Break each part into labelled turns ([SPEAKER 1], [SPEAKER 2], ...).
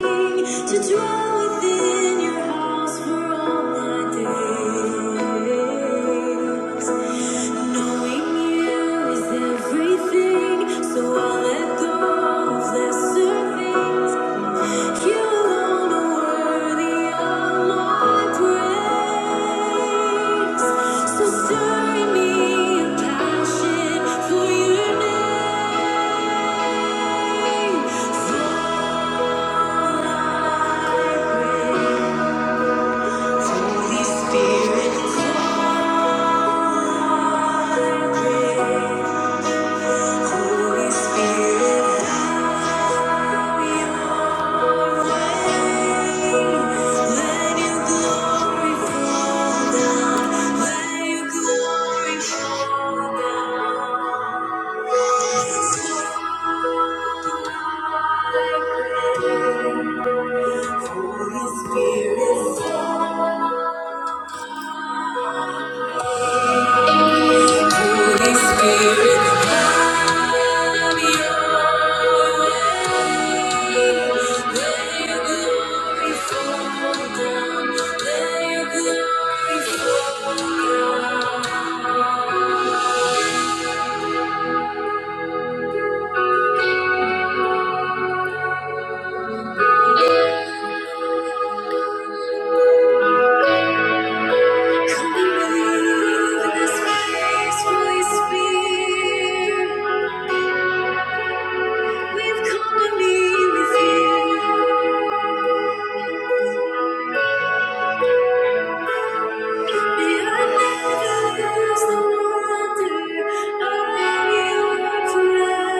[SPEAKER 1] To dwell within your house for all my days. Knowing you is everything, so I'll let go of lesser things. You alone are worthy of my praise. So stir in me a passion for your name, for I crave. Holy Spirit, Holy Spirit, have your way. Let your glory fall down. Let your glory fall down. It's Holy Spirit, Holy Spirit, have your way.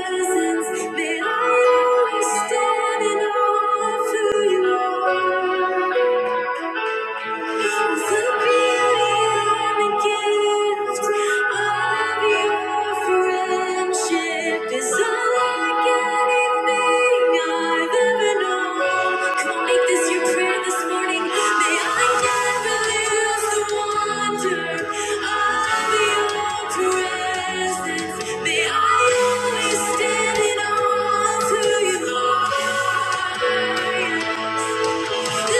[SPEAKER 1] Presence, That I always stand in awe of who you are. May I always stand in awe to you, Thank you.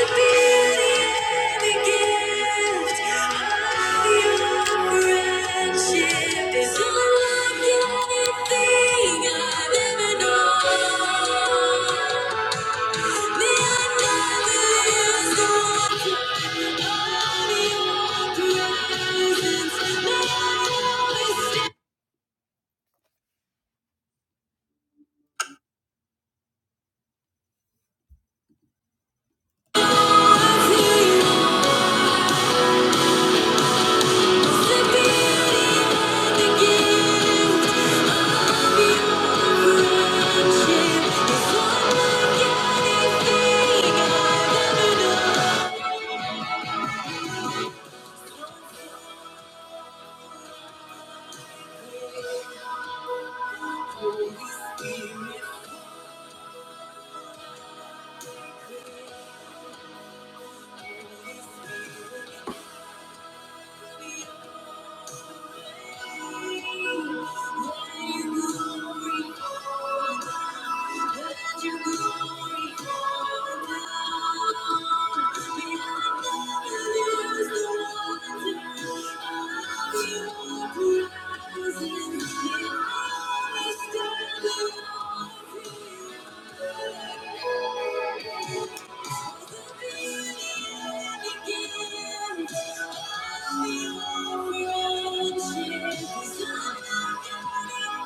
[SPEAKER 1] Thank you.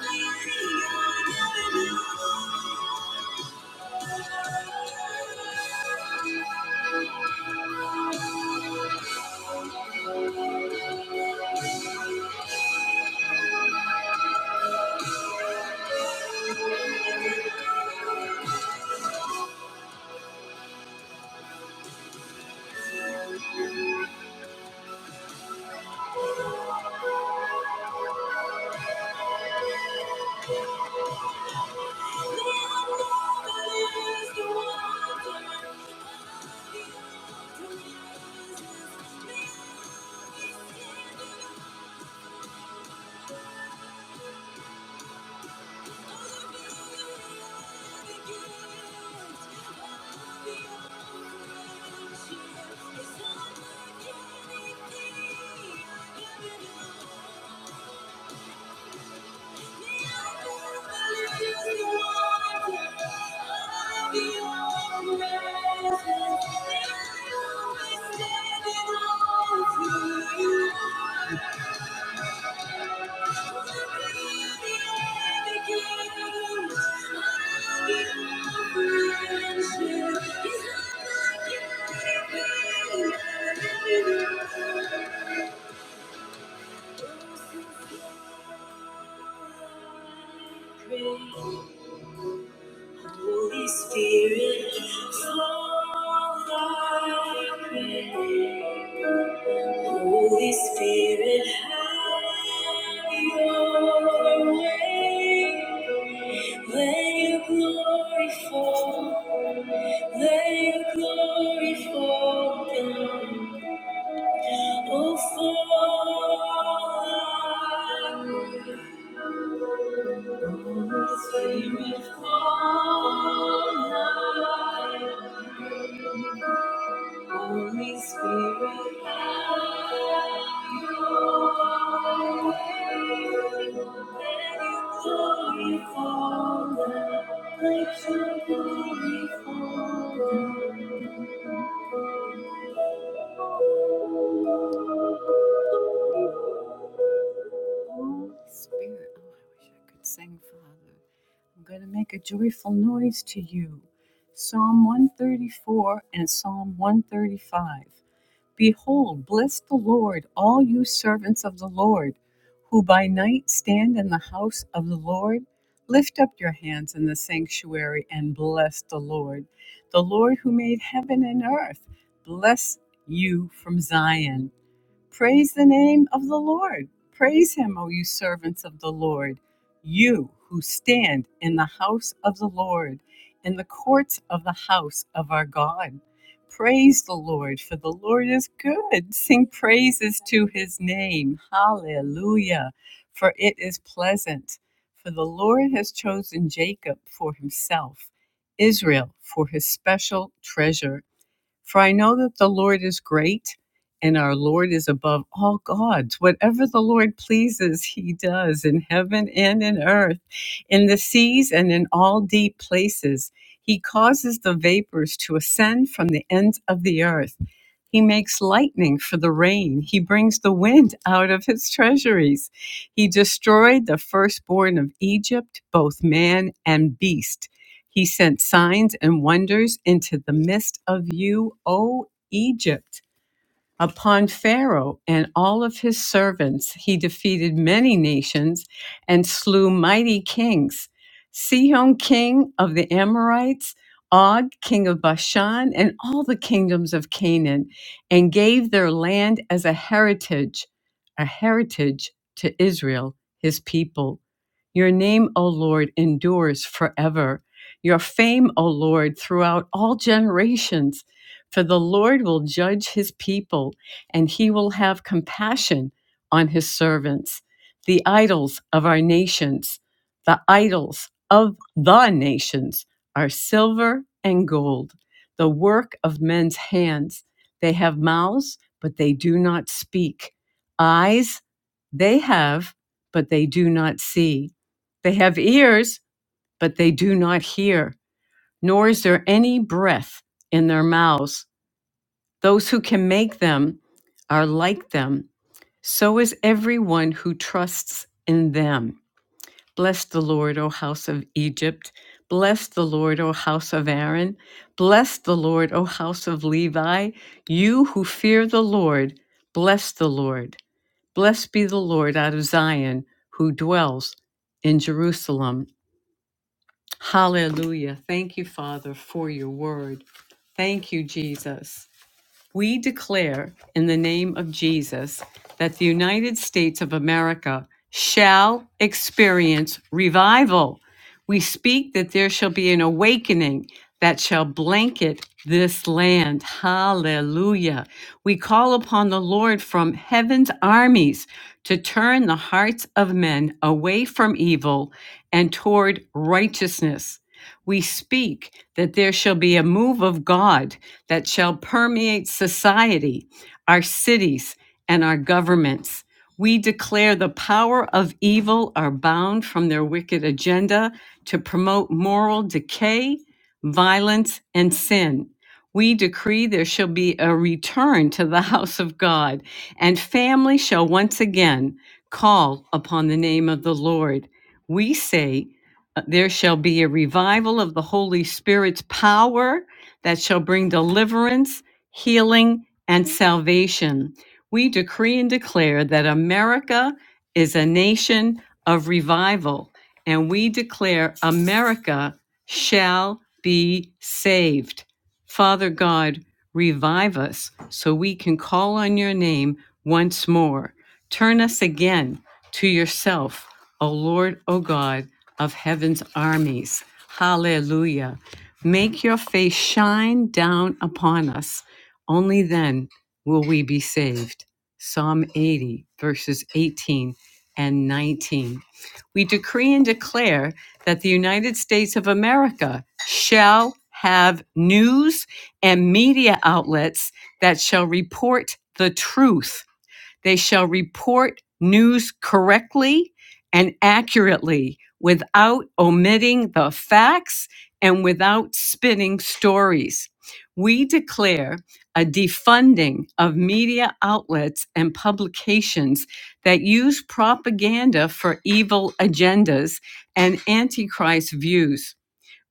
[SPEAKER 1] Thank you. Holy Spirit, fall I pray. Holy Spirit, have your way. Let your glory fall, let your glory fall down. Oh, Holy Spirit, have Your way. Let let glory fall down. Let your glory fall, fall. Spirit, oh, I wish I could sing, Father. I'm going to make a joyful noise to you. Psalm 134 and Psalm 135. Behold, bless the Lord, all you servants of the Lord, who by night stand in the house of the Lord. Lift up your hands in the sanctuary and bless the Lord. The Lord who made heaven and earth, bless you from Zion. Praise the name of the Lord. Praise him, O you servants of the Lord, you who stand in the house of the Lord, in the courts of the house of our God. Praise the Lord, for the Lord is good. Sing praises to his name. Hallelujah, for it is pleasant. For the Lord has chosen Jacob for himself, Israel for his special treasure. For I know that the Lord is great and our Lord is above all gods. Whatever the Lord pleases, he does in heaven and in earth, in the seas and in all deep places. He causes the vapors to ascend from the ends of the earth. He makes lightning for the rain. He brings the wind out of his treasuries. He destroyed the firstborn of Egypt, both man and beast he sent signs and wonders into the midst of you, O Egypt. Upon Pharaoh and all of his servants, he defeated many nations and slew mighty kings Sihon, king of the Amorites, Og, king of Bashan, and all the kingdoms of Canaan, and gave their land as a heritage, a heritage to Israel, his people. Your name, O Lord, endures forever. Your fame, O Lord, throughout all generations. For the Lord will judge his people, and he will have compassion on his servants, the idols of our nations. The idols of the nations are silver and gold, the work of men's hands. They have mouths, but they do not speak, eyes, they have, but they do not see. They have ears, but they do not hear, nor is there any breath in their mouths those who can make them are like them. So is everyone who trusts in them. Bless the Lord, O house of Egypt. Bless the Lord, O house of Aaron. Bless the Lord, O house of Levi. You who fear the Lord, bless the Lord. Blessed be the Lord out of Zion, who dwells in Jerusalem. Hallelujah. Thank you, Father, for your word. Thank you, Jesus. We declare in the name of Jesus that the United States of America shall experience revival. We speak that there shall be an awakening that shall blanket this land. Hallelujah. We call upon the Lord from heaven's armies to turn the hearts of men away from evil and toward righteousness. We speak that there shall be a move of God that shall permeate society, our cities, and our governments. We declare the power of evil are bound from their wicked agenda to promote moral decay, violence, and sin. We decree there shall be a return to the house of God, and family shall once again call upon the name of the Lord. We say, uh, there shall be a revival of the Holy Spirit's power that shall bring deliverance, healing, and salvation. We decree and declare that America is a nation of revival, and we declare America shall be saved. Father God, revive us so we can call on your name once more. Turn us again to yourself, O Lord, O God of heaven's armies. Hallelujah. Make your face shine down upon us. Only then will we be saved. Psalm 80, verses 18 and 19. We decree and declare that the United States of America shall have news and media outlets that shall report the truth they shall report news correctly and accurately without omitting the facts and without spinning stories. We declare a defunding of media outlets and publications that use propaganda for evil agendas and antichrist views.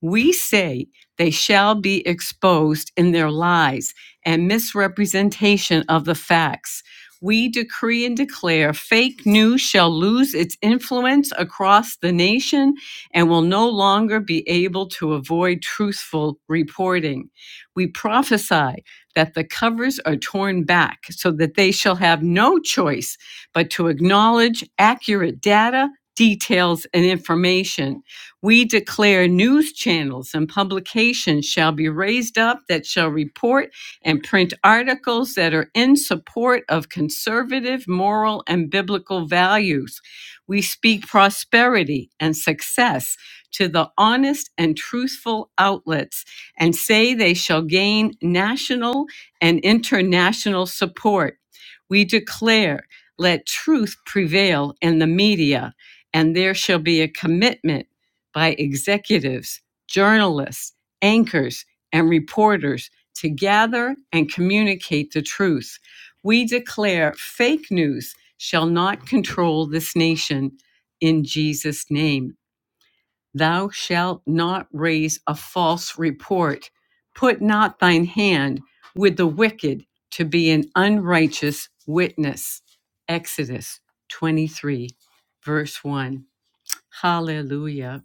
[SPEAKER 1] We say they shall be exposed in their lies and misrepresentation of the facts. We decree and declare fake news shall lose its influence across the nation and will no longer be able to avoid truthful reporting. We prophesy that the covers are torn back so that they shall have no choice but to acknowledge accurate data, details, and information we declare news channels and publications shall be raised up that shall report and print articles that are in support of conservative, moral, and biblical values. We speak prosperity and success to the honest and truthful outlets and say they shall gain national and international support. We declare, let truth prevail in the media, and there shall be a commitment by executives, journalists, anchors, and reporters to gather and communicate the truth. We declare fake news shall not control this nation in Jesus' name. Thou shalt not raise a false report. Put not thine hand with the wicked to be an unrighteous witness. Exodus 23, verse 1. Hallelujah.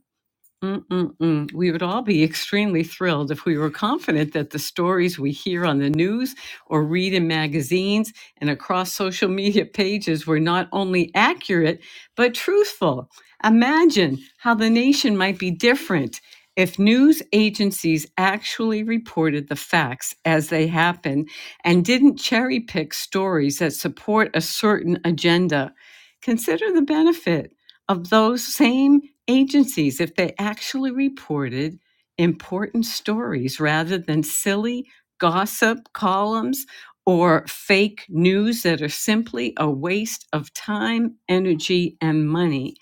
[SPEAKER 1] Mm-mm-mm. We would all be extremely thrilled if we were confident that the stories we hear on the news or read in magazines and across social media pages were not only accurate, but truthful. Imagine how the nation might be different if news agencies actually reported the facts as they happen and didn't cherry pick stories that support a certain agenda. Consider the benefit of those same agencies if they actually reported important stories rather than silly gossip columns or fake news that are simply a waste of time, energy, and money.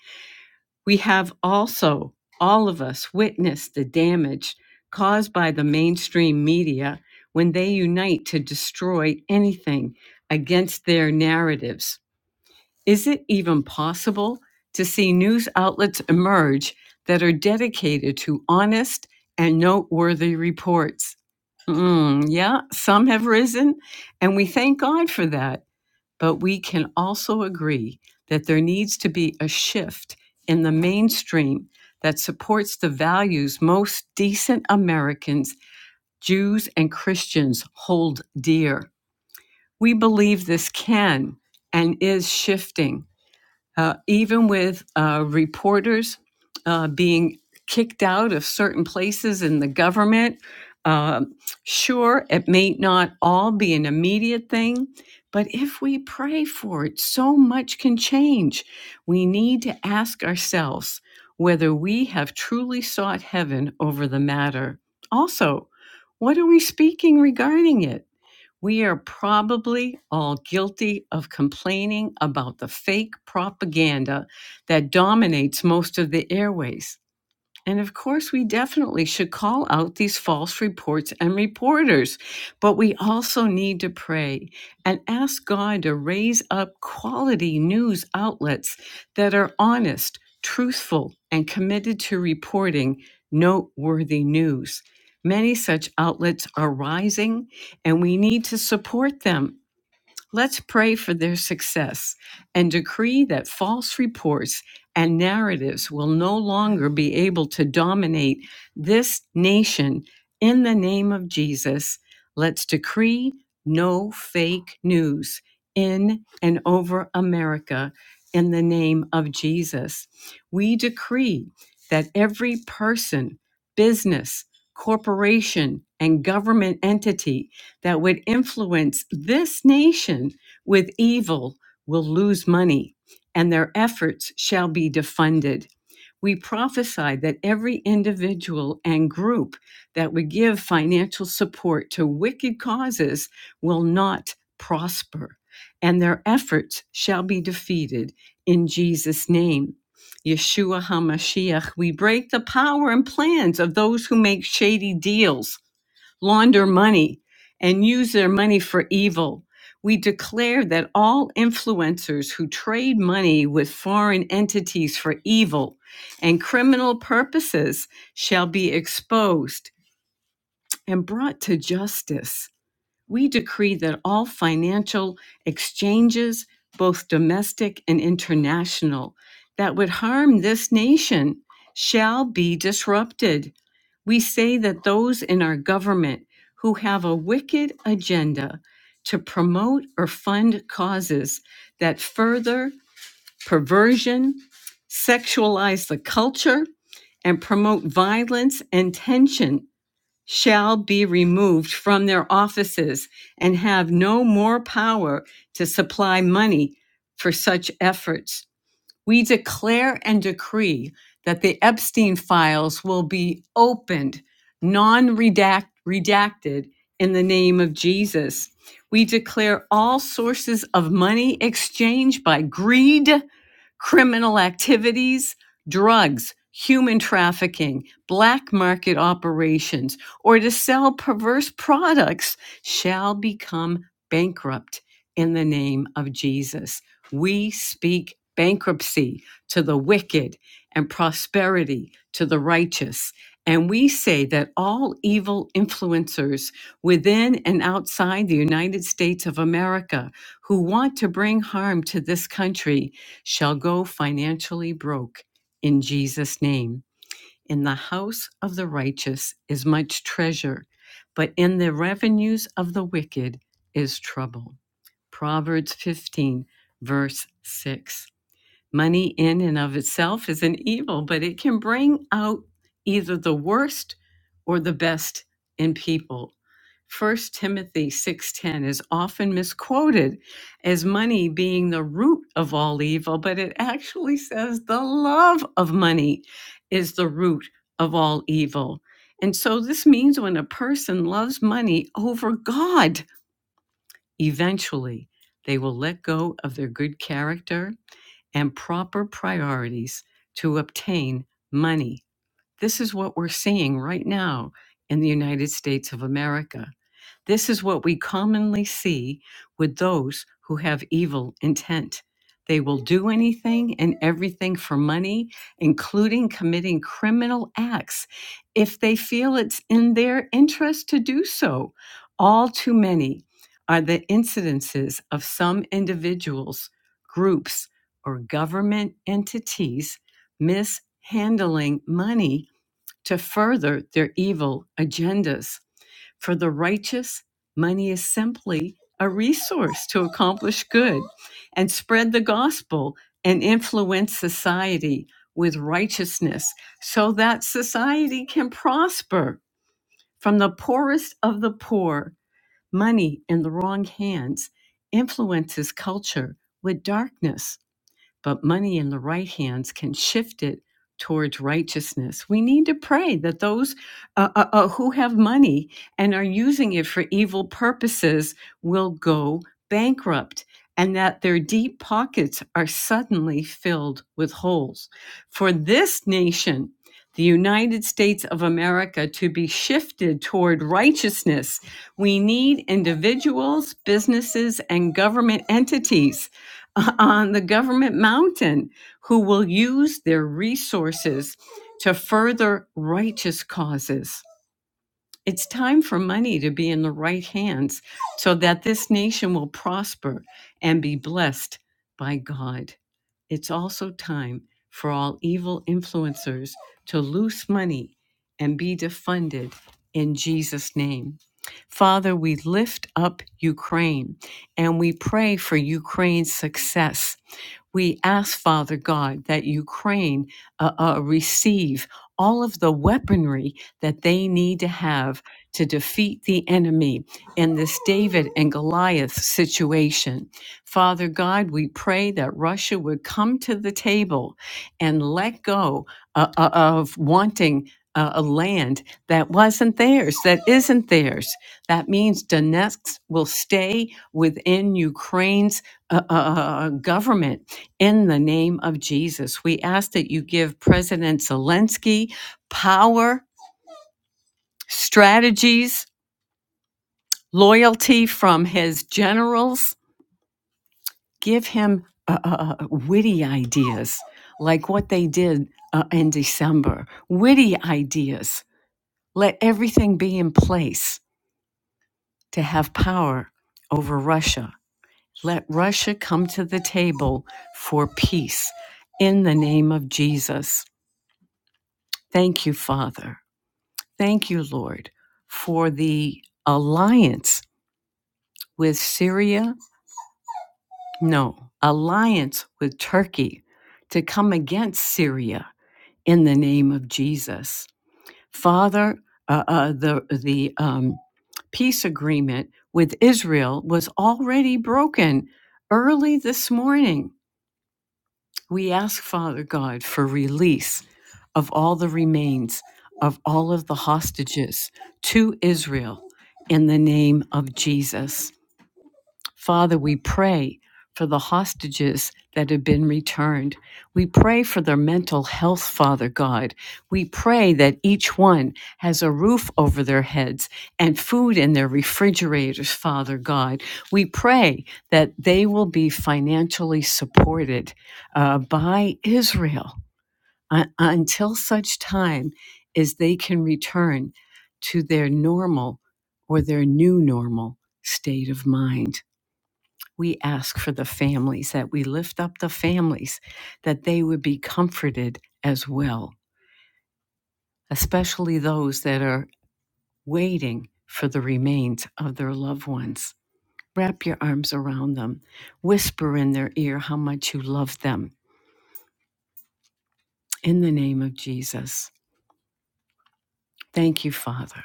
[SPEAKER 1] We have also, all of us, witnessed the damage caused by the mainstream media when they unite to destroy anything against their narratives is it even possible to see news outlets emerge that are dedicated to honest and noteworthy reports? Mm, yeah, some have risen, and we thank God for that. But we can also agree that there needs to be a shift in the mainstream that supports the values most decent Americans, Jews, and Christians hold dear. We believe this can and is shifting uh, even with uh, reporters uh, being kicked out of certain places in the government. Um, sure, it may not all be an immediate thing, but if we pray for it, so much can change. We need to ask ourselves whether we have truly sought heaven over the matter. Also, what are we speaking regarding it? We are probably all guilty of complaining about the fake propaganda that dominates most of the airways. And of course, we definitely should call out these false reports and reporters. But we also need to pray and ask God to raise up quality news outlets that are honest, truthful, and committed to reporting noteworthy news. Many such outlets are rising, and we need to support them Let's pray for their success and decree that false reports and narratives will no longer be able to dominate this nation in the name of Jesus. Let's decree no fake news in and over America in the name of Jesus. We decree that every person, business, corporation, and government entity that would influence this nation with evil will lose money, and their efforts shall be defunded. We prophesied that every individual and group that would give financial support to wicked causes will not prosper, and their efforts shall be defeated in Jesus' name. Yeshua HaMashiach, we break the power and plans of those who make shady deals launder money and use their money for evil. We declare that all influencers who trade money with foreign entities for evil and criminal purposes shall be exposed and brought to justice we decree that all financial exchanges, both domestic and international, that would harm this nation shall be disrupted. We say that those in our government who have a wicked agenda to promote or fund causes that further perversion, sexualize the culture, and promote violence and tension shall be removed from their offices and have no more power to supply money for such efforts we declare and decree that the Epstein files will be opened, non redacted, in the name of Jesus. We declare all sources of money exchanged by greed, criminal activities, drugs, human trafficking, black market operations, or to sell perverse products shall become bankrupt in the name of Jesus. We speak bankruptcy to the wicked and prosperity to the righteous. And we say that all evil influencers within and outside the United States of America who want to bring harm to this country shall go financially broke in Jesus' name. In the house of the righteous is much treasure, but in the revenues of the wicked is trouble. Proverbs 15, verse 6. Money in and of itself is an evil, but it can bring out either the worst or the best in people. First Timothy 6:10 is often misquoted as money being the root of all evil, but it actually says the love of money is the root of all evil. And so this means when a person loves money over God, Eventually, they will let go of their good character and proper priorities to obtain money. This is what we're seeing right now in the United States of America. This is what we commonly see with those who have evil intent. They will do anything and everything for money, including committing criminal acts, if they feel it's in their interest to do so. All too many are the incidences of some individuals, groups, or government entities mishandling money to further their evil agendas. For the righteous, money is simply a resource to accomplish good and spread the gospel and influence society with righteousness so that society can prosper. From the poorest of the poor, money in the wrong hands influences culture with darkness but money in the right hands can shift it towards righteousness. We need to pray that those uh, uh, uh, who have money and are using it for evil purposes will go bankrupt and that their deep pockets are suddenly filled with holes. For this nation, the United States of America, to be shifted toward righteousness, we need individuals, businesses, and government entities on the government mountain who will use their resources to further righteous causes. It's time for money to be in the right hands so that this nation will prosper and be blessed by God. It's also time for all evil influencers to loose money and be defunded in Jesus' name. Father, we lift up Ukraine and we pray for Ukraine's success we ask, Father God, that Ukraine uh, uh, receive all of the weaponry that they need to have to defeat the enemy in this David and Goliath situation. Father God, we pray that Russia would come to the table and let go uh, uh, of wanting. Uh, a land that wasn't theirs, that isn't theirs. That means Donetsk will stay within Ukraine's uh, uh, uh, government in the name of Jesus. We ask that you give President Zelensky power, strategies, loyalty from his generals. Give him uh, uh, uh, witty ideas like what they did uh, in December. Witty ideas. Let everything be in place to have power over Russia. Let Russia come to the table for peace in the name of Jesus. Thank you, Father. Thank you, Lord, for the alliance with Syria. No, alliance with Turkey to come against Syria in the name of Jesus. Father, uh, uh, the, the um, peace agreement with Israel was already broken early this morning We ask, Father God, for release of all the remains of all of the hostages to Israel in the name of Jesus. Father, we pray for the hostages that have been returned. We pray for their mental health, Father God. We pray that each one has a roof over their heads and food in their refrigerators, Father God. We pray that they will be financially supported uh, by Israel uh, until such time as they can return to their normal or their new normal state of mind we ask for the families, that we lift up the families, that they would be comforted as well, especially those that are waiting for the remains of their loved ones. Wrap your arms around them, whisper in their ear how much you love them. In the name of Jesus, thank you, Father.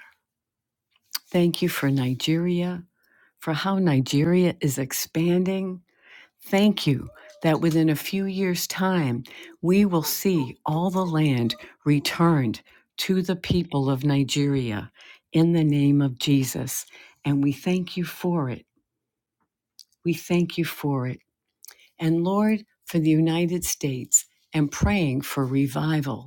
[SPEAKER 1] Thank you for Nigeria, for how Nigeria is expanding Thank you that within a few years' time, we will see all the land returned to the people of Nigeria in the name of Jesus. And we thank you for it. We thank you for it. And Lord, for the United States and praying for revival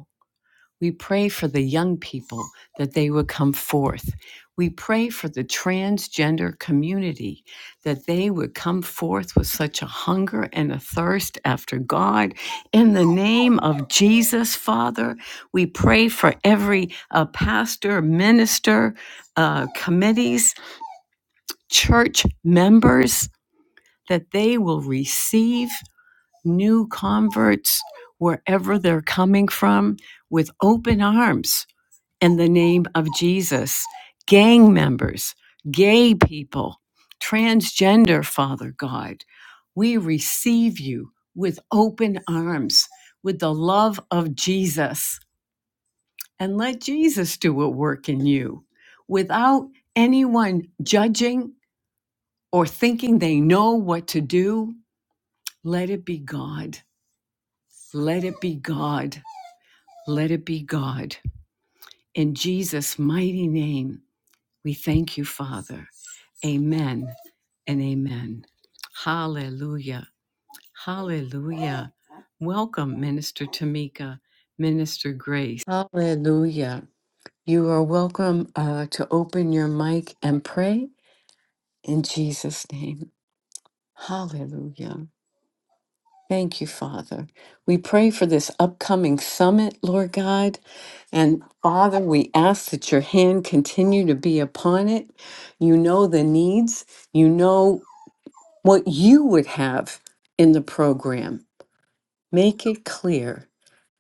[SPEAKER 1] we pray for the young people that they would come forth. We pray for the transgender community that they would come forth with such a hunger and a thirst after God. In the name of Jesus, Father, we pray for every uh, pastor, minister, uh, committees, church members that they will receive new converts wherever they're coming from with open arms in the name of Jesus. Gang members, gay people, transgender, Father God, we receive you with open arms, with the love of Jesus, and let Jesus do a work in you without anyone judging or thinking they know what to do. Let it be God. Let it be God. Let it be God. In Jesus' mighty name, we thank you, Father. Amen and amen. Hallelujah. Hallelujah. Welcome, Minister Tamika, Minister Grace. Hallelujah. You are welcome uh, to open your mic and pray in Jesus' name. Hallelujah. Thank you, Father. We pray for this upcoming summit, Lord God. And Father, we ask that your hand continue to be upon it. You know the needs. You know what you would have in the program. Make it clear,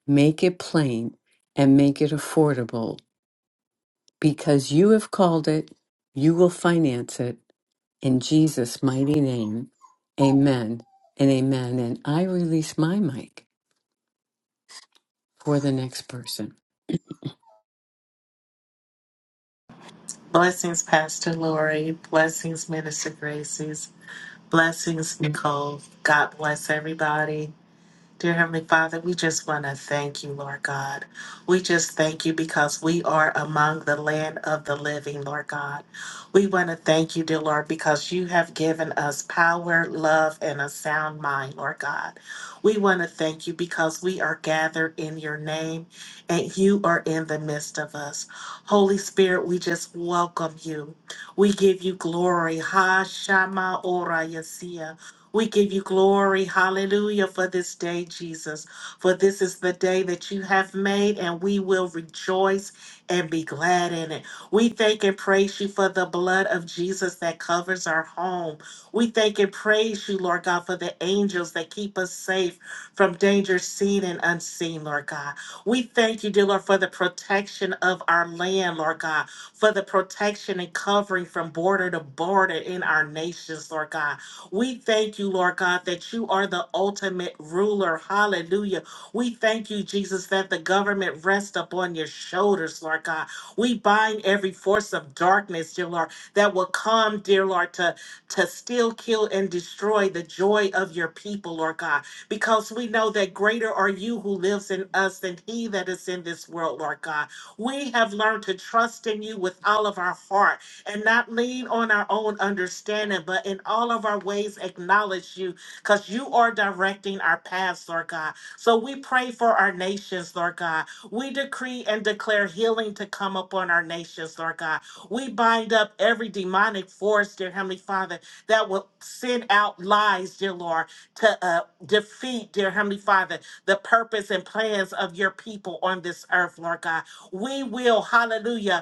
[SPEAKER 1] make it plain, and make it affordable because you have called it, you will finance it in Jesus' mighty name. Amen and amen. And I release my mic. for the next person.
[SPEAKER 2] Blessings, Pastor Lori. Blessings, Minister Gracie's. Blessings, Nicole. God bless everybody. Dear Heavenly Father, we just want to thank you, Lord God. We just thank you because we are among the land of the living, Lord God. We want to thank you, dear Lord, because you have given us power, love, and a sound mind, Lord God. We want to thank you because we are gathered in your name and you are in the midst of us. Holy Spirit, we just welcome you. We give you glory. Ha Shama Ora Yasia. We give you glory, hallelujah, for this day, Jesus. For this is the day that you have made, and we will rejoice and be glad in it. We thank and praise you for the blood of Jesus that covers our home. We thank and praise you, Lord God, for the angels that keep us safe from danger seen and unseen, Lord God. We thank you, dear Lord, for the protection of our land, Lord God, for the protection and covering from border to border in our nations, Lord God. We thank you, Lord God, that you are the ultimate ruler. Hallelujah. We thank you, Jesus, that the government rests upon your shoulders, Lord God. We bind every force of darkness, dear Lord, that will come, dear Lord, to, to steal, kill, and destroy the joy of your people, Lord God, because we know that greater are you who lives in us than he that is in this world, Lord God. We have learned to trust in you with all of our heart and not lean on our own understanding, but in all of our ways acknowledge you because you are directing our paths, Lord God. So we pray for our nations, Lord God. We decree and declare healing to come upon our nations, Lord God. We bind up every demonic force, dear Heavenly Father, that will send out lies, dear Lord, to uh, defeat, dear Heavenly Father, the purpose and plans of your people on this earth, Lord God. We will, hallelujah,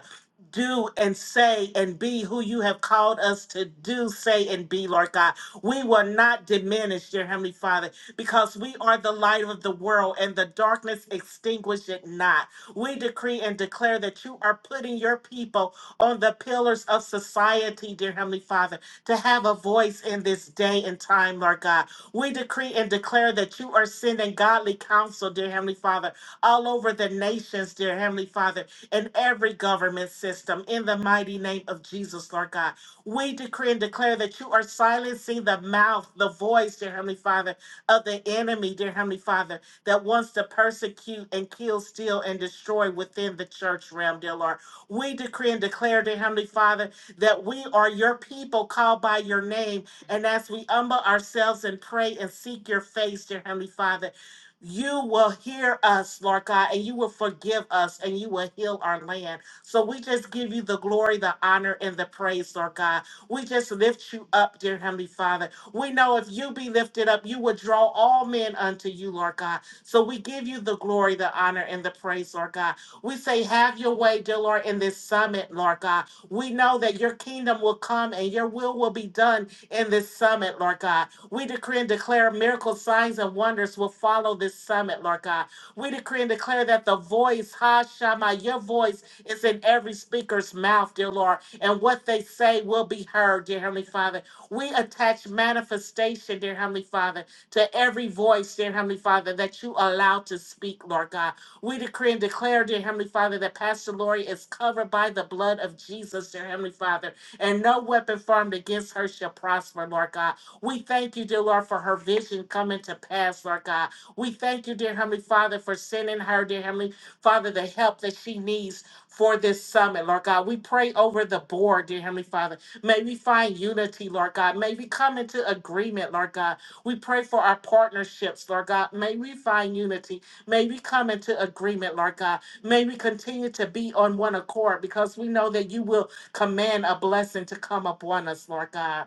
[SPEAKER 2] do and say and be who you have called us to do, say and be, Lord God. We will not diminish, dear Heavenly Father, because we are the light of the world and the darkness extinguish it not. We decree and declare that you are putting your people on the pillars of society, dear Heavenly Father, to have a voice in this day and time, Lord God. We decree and declare that you are sending godly counsel, dear Heavenly Father, all over the nations, dear Heavenly Father in every government system in the mighty name of Jesus, Lord God. We decree and declare that you are silencing the mouth, the voice, dear Heavenly Father, of the enemy, dear Heavenly Father, that wants to persecute and kill, steal, and destroy within the church realm, dear Lord. We decree and declare, dear Heavenly Father, that we are your people called by your name. And as we humble ourselves and pray and seek your face, dear Heavenly Father, you will hear us, Lord God, and you will forgive us and you will heal our land. So we just give you the glory, the honor, and the praise, Lord God. We just lift you up, dear Heavenly Father. We know if you be lifted up, you will draw all men unto you, Lord God. So we give you the glory, the honor, and the praise, Lord God. We say, have your way, dear Lord, in this summit, Lord God. We know that your kingdom will come and your will will be done in this summit, Lord God. We decree and declare miracles, signs, and wonders will follow this summit, Lord God. We decree and declare that the voice, Ha Shama, your voice is in every speaker's mouth, dear Lord, and what they say will be heard, dear Heavenly Father. We attach manifestation, dear Heavenly Father, to every voice, dear Heavenly Father, that you allow to speak, Lord God. We decree and declare, dear Heavenly Father, that Pastor Lori is covered by the blood of Jesus, dear Heavenly Father, and no weapon formed against her shall prosper, Lord God. We thank you, dear Lord, for her vision coming to pass, Lord God. We thank you, dear Heavenly Father, for sending her, dear Heavenly Father, the help that she needs for this summit, Lord God. We pray over the board, dear Heavenly Father. May we find unity, Lord God. May we come into agreement, Lord God. We pray for our partnerships, Lord God. May we find unity. May we come into agreement, Lord God. May we continue to be on one accord because we know that you will command a blessing to come upon us, Lord God.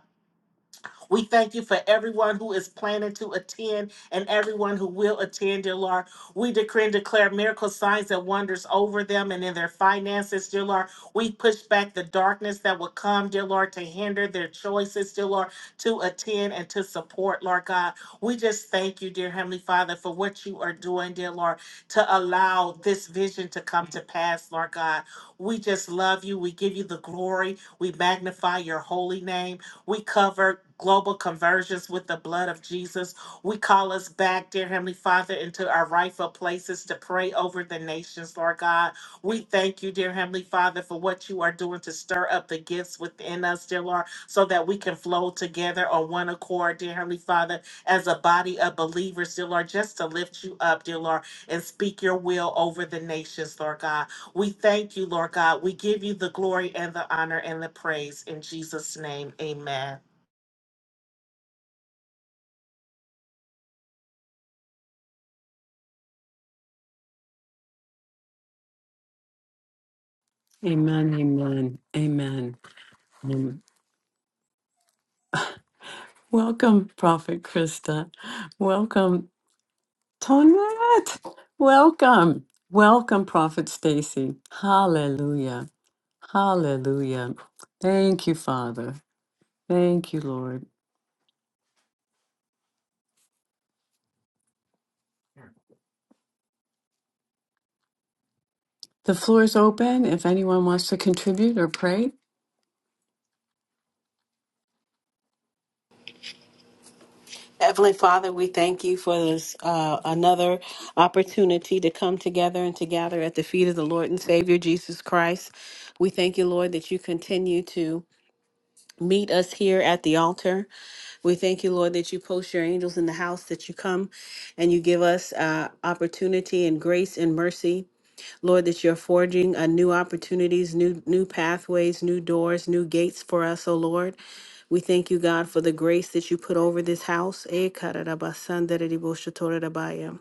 [SPEAKER 2] We thank you for everyone who is planning to attend and everyone who will attend, dear Lord. We decree and declare miracle signs and wonders over them and in their finances, dear Lord. We push back the darkness that will come, dear Lord, to hinder their choices, dear Lord, to attend and to support, Lord God. We just thank you, dear Heavenly Father, for what you are doing, dear Lord, to allow this vision to come to pass, Lord God. We just love you. We give you the glory. We magnify your holy name. We cover global conversions with the blood of Jesus. We call us back, dear Heavenly Father, into our rightful places to pray over the nations, Lord God. We thank you, dear Heavenly Father, for what you are doing to stir up the gifts within us, dear Lord, so that we can flow together on one accord, dear Heavenly Father, as a body of believers, dear Lord, just to lift you up, dear Lord, and speak your will over the nations, Lord God. We thank you, Lord God. We give you the glory and the honor and the praise in Jesus' name. Amen.
[SPEAKER 1] Amen, amen, amen. Um, welcome, Prophet Krista. Welcome, Tonette. Welcome, welcome, Prophet Stacy. Hallelujah, hallelujah. Thank you, Father. Thank you, Lord. The floor is open if anyone wants to contribute or pray.
[SPEAKER 3] Heavenly Father, we thank you for this uh, another opportunity to come together and to gather at the feet of the Lord and Savior Jesus Christ. We thank you, Lord, that you continue to meet us here at the altar. We thank you, Lord, that you post your angels in the house, that you come and you give us uh, opportunity and grace and mercy Lord, that you're forging uh, new opportunities, new new pathways, new doors, new gates for us, oh Lord. We thank you, God, for the grace that you put over this house. Eh, karadabasandadidiboshotorodabaya.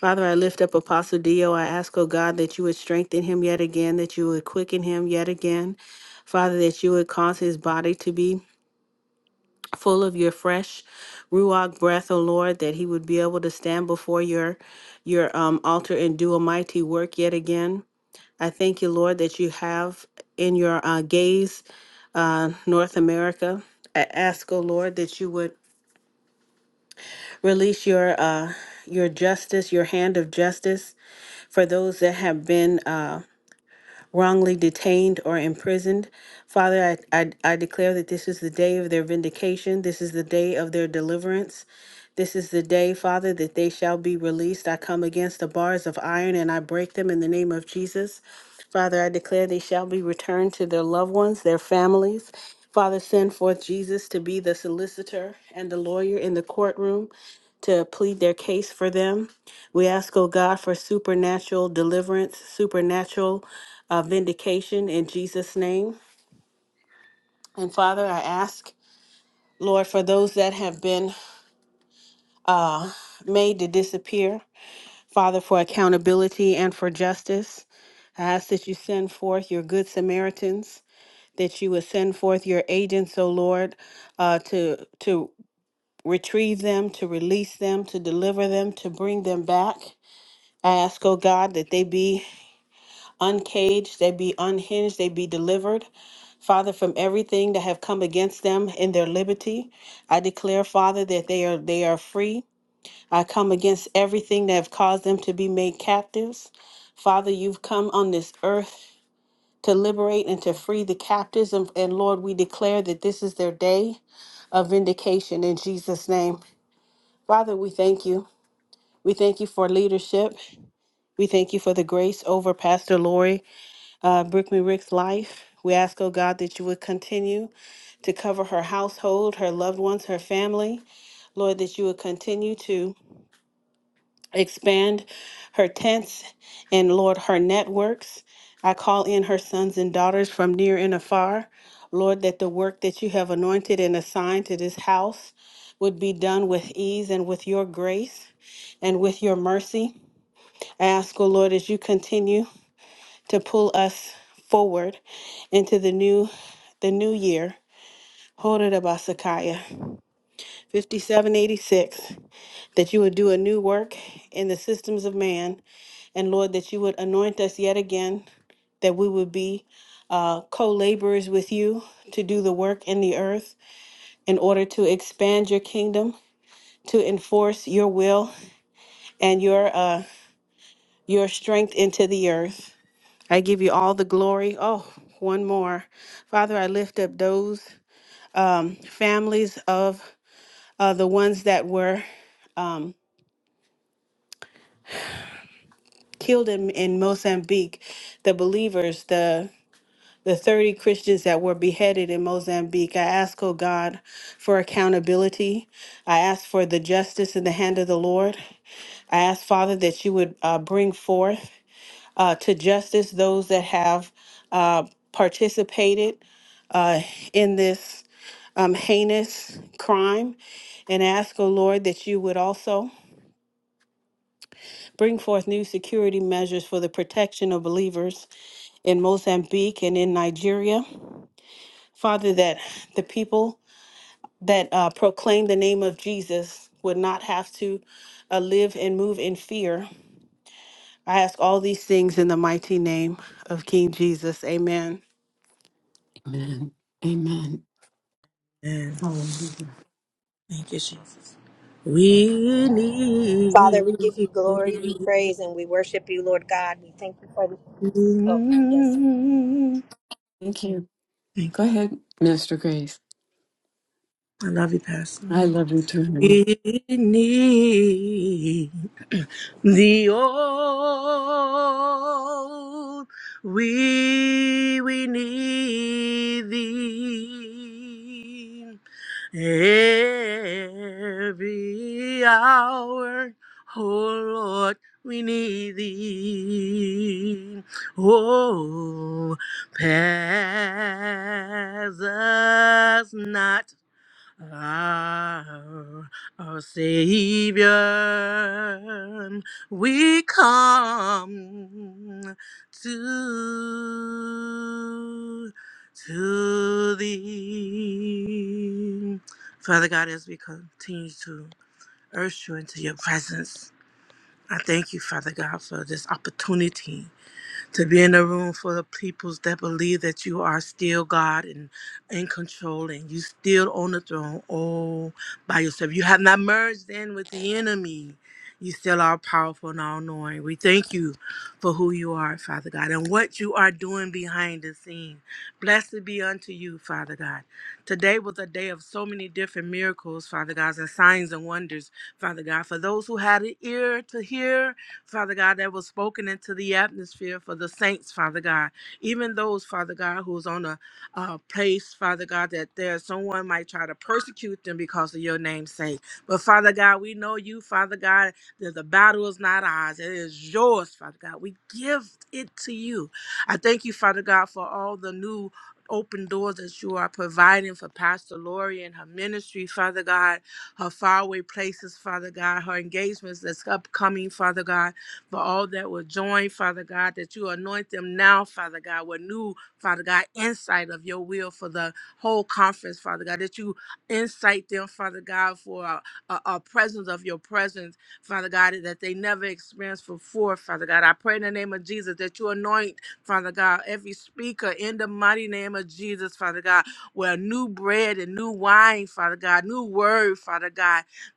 [SPEAKER 3] Father, I lift up Apostle Dio. I ask, oh God, that you would strengthen him yet again, that you would quicken him yet again. Father, that you would cause his body to be full of your fresh ruach breath, O Lord, that he would be able to stand before your your um, altar and do a mighty work yet again. I thank you, Lord, that you have in your uh, gaze uh, North America. I ask, O Lord, that you would release your uh, your justice, your hand of justice for those that have been. uh, wrongly detained or imprisoned. Father, I, I, I declare that this is the day of their vindication. This is the day of their deliverance. This is the day, Father, that they shall be released. I come against the bars of iron and I break them in the name of Jesus. Father, I declare they shall be returned to their loved ones, their families. Father, send forth Jesus to be the solicitor and the lawyer in the courtroom to plead their case for them. We ask, oh God, for supernatural deliverance, supernatural uh, vindication in Jesus' name. And Father, I ask, Lord, for those that have been uh, made to disappear, Father, for accountability and for justice, I ask that you send forth your good Samaritans, that you would send forth your agents, O Lord, uh, to to retrieve them, to release them, to deliver them, to bring them back. I ask, O God, that they be uncaged, they be unhinged, they be delivered Father, from everything that have come against them in their liberty, I declare, Father, that they are they are free. I come against everything that have caused them to be made captives. Father, you've come on this earth to liberate and to free the captives. And, and Lord, we declare that this is their day of vindication in Jesus' name. Father, we thank you. We thank you for leadership. We thank you for the grace over Pastor Lori uh, Brickman Rick's life. We ask, oh God, that you would continue. to cover her household, her loved ones, her family. Lord, that you would continue to expand her tents and, Lord, her networks. I call in her sons and daughters from near and afar. Lord, that the work that you have anointed and assigned to this house would be done with ease and with your grace and with your mercy. I ask, O Lord, as you continue to pull us forward into the new the new year. Hold it, Abasakaya. 5786, that you would do a new work in the systems of man, and Lord, that you would anoint us yet again, that we would be uh, co laborers with you to do the work in the earth in order to expand your kingdom, to enforce your will and your, uh, your strength into the earth. I give you all the glory. Oh, one more. Father, I lift up those um, families of uh, the ones that were. um, killed in, in Mozambique, the believers, the the 30 Christians that were beheaded in Mozambique. I ask, oh God, for accountability. I ask for the justice in the hand of the Lord. I ask, Father, that you would uh, bring forth uh, to justice those that have uh, participated uh, in this um, heinous crime. And ask, O Lord, that you would also bring forth new security measures for the protection of believers in Mozambique and in Nigeria. Father, that the people that uh, proclaim the name of Jesus would not have to uh, live and move in fear. I ask all these things in the mighty name of King Jesus. Amen.
[SPEAKER 1] Amen. Amen.
[SPEAKER 4] Amen.
[SPEAKER 1] Hallelujah.
[SPEAKER 4] Thank you, Jesus. We
[SPEAKER 5] Father, we
[SPEAKER 4] need
[SPEAKER 5] give you
[SPEAKER 4] you.
[SPEAKER 5] glory, we praise, and we worship you, Lord God. We thank you for the. Oh, yes.
[SPEAKER 1] Thank you.
[SPEAKER 4] Thank you.
[SPEAKER 1] Go ahead, Minister Grace.
[SPEAKER 4] I love you, Pastor.
[SPEAKER 1] I
[SPEAKER 4] Mike.
[SPEAKER 1] love you too, honey.
[SPEAKER 4] We need the old. We we need thee. Every hour, oh Lord, we need thee. Oh, pass us not our, our Savior, we come to, to thee. Father God, as we continue to urge you into your presence, I thank you, Father God, for this opportunity to be in a room full of peoples that believe that you are still God and in control and you still on the throne all by yourself. You have not merged in with the enemy. You still are powerful and all knowing. We thank you for who you are, Father God, and what you are doing behind the scene. Blessed be unto you, Father God. Today was a day of so many different miracles, Father God, and signs and wonders, Father God. For those who had an ear to hear, Father God, that was spoken into the atmosphere for the saints, Father God. Even those, Father God, who's on a uh, place, Father God, that there someone might try to persecute them because of your name's sake. But Father God, we know you, Father God, that the battle is not ours. It is yours, Father God. We give it to you. I thank you, Father God, for all the new open doors that you are providing for Pastor Lori and her ministry, Father God, her faraway places, Father God, her engagements that's upcoming, Father God for all that will join, Father God, that you anoint them now, Father God, with new, Father God, insight of your will for the whole conference, Father God, that you insight them, Father God, for a, a, a presence of your presence, Father God, that they never experienced before, Father God. I pray in the name of Jesus that you anoint, Father God, every speaker in the mighty name of Jesus, Father God, with new bread and new wine, Father God, new word, Father God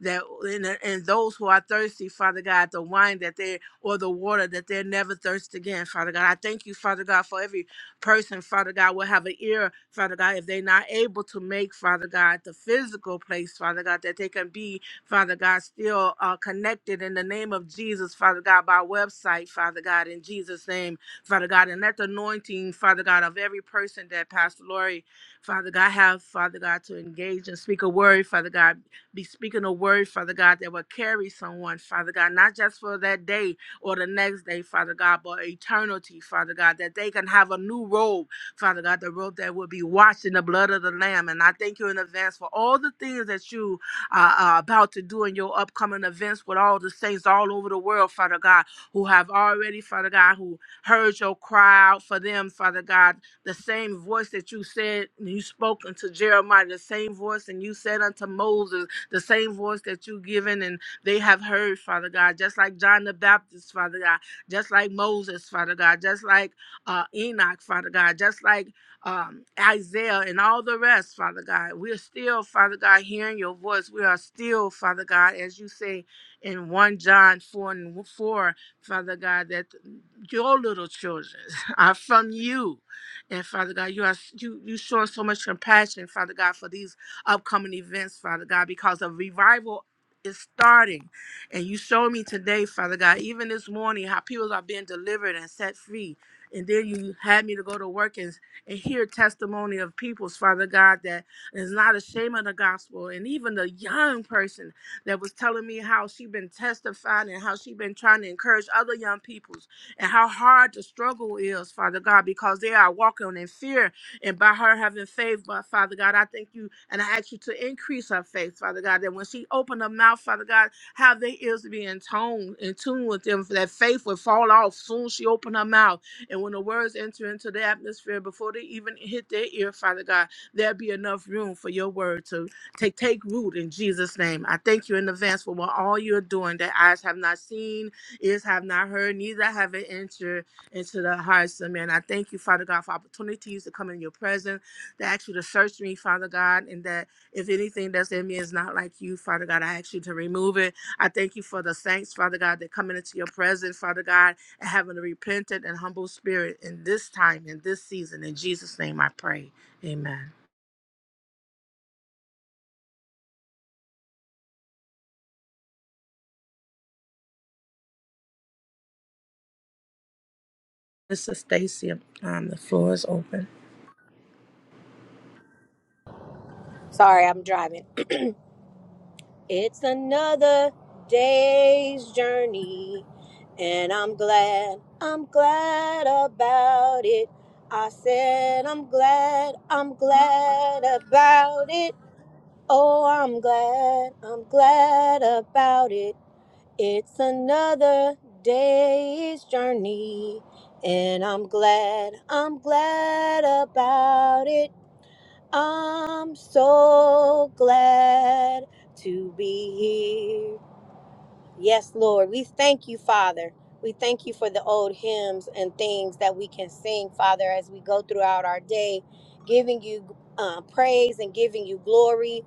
[SPEAKER 4] that and, uh, and those who are thirsty, Father God, the wine that they or the water that they're never thirst again, Father God. I thank you, Father God, for every person, Father God, will have an ear, Father God, if they're not able to make, Father God, the physical place, Father God, that they can be, Father God, still uh, connected in the name of Jesus, Father God, by website, Father God, in Jesus' name, Father God, and let the anointing, Father God, of every person that Pastor Lori, Father God, have, Father God, to engage and speak a word, Father God be speaking a word, Father God, that will carry someone, Father God, not just for that day or the next day, Father God, but eternity, Father God, that they can have a new robe, Father God, the robe that will be washed in the blood of the Lamb. And I thank you in advance for all the things that you are are about to do in your upcoming events with all the saints all over the world, Father God, who have already, Father God, who heard your cry out for them, Father God, the same voice that you said and you spoke unto Jeremiah, the same voice and you said unto Moses, the same voice that you've given and they have heard, Father God, just like John the Baptist, Father God, just like Moses, Father God, just like uh, Enoch, Father God, just like um, Isaiah and all the rest, Father God. We are still, Father God, hearing your voice. We are still, Father God, as you say in 1 John 4 and 4, Father God, that your little children are from you. And Father God, you are you you showing so much compassion, Father God, for these upcoming events, Father God, because a revival is starting. And you showed me today, Father God, even this morning, how people are being delivered and set free. And then you had me to go to work and, and hear testimony of people's, Father God, that is not ashamed of the gospel. And even the young person that was telling me how she been testifying and how she been trying to encourage other young peoples and how hard the struggle is, Father God, because they are walking in fear and by her having faith, but Father God, I thank you and I ask you to increase her faith, Father God, that when she opened her mouth, Father God, how their ears to be in tone, in tune with them, for that faith would fall off soon as she opened her mouth. And when the words enter into the atmosphere before they even hit their ear, Father God, there'll be enough room for your word to take take root in Jesus' name. I thank you in advance for what all you're doing that eyes have not seen, ears have not heard, neither have it entered into the hearts of men. I thank you, Father God, for opportunities to come in your presence, to ask you to search me, Father God, and that if anything that's in me is not like you, Father God, I ask you to remove it. I thank you for the saints, Father God, that coming into your presence, Father God, and having a repentant and humble spirit in this time, in this season. In Jesus' name I pray. Amen. Mister Stacy. Um, the floor is open.
[SPEAKER 5] Sorry, I'm driving. It's another day's journey, and I'm glad, I'm glad about it. I said, I'm glad, I'm glad about it. Oh, I'm glad, I'm glad about it. It's another day's journey, and I'm glad, I'm glad about it. I'm so glad to be here. Yes, Lord, we thank you, Father. We thank you for the old hymns and things that we can sing, Father, as we go throughout our day, giving you uh, praise and giving you glory,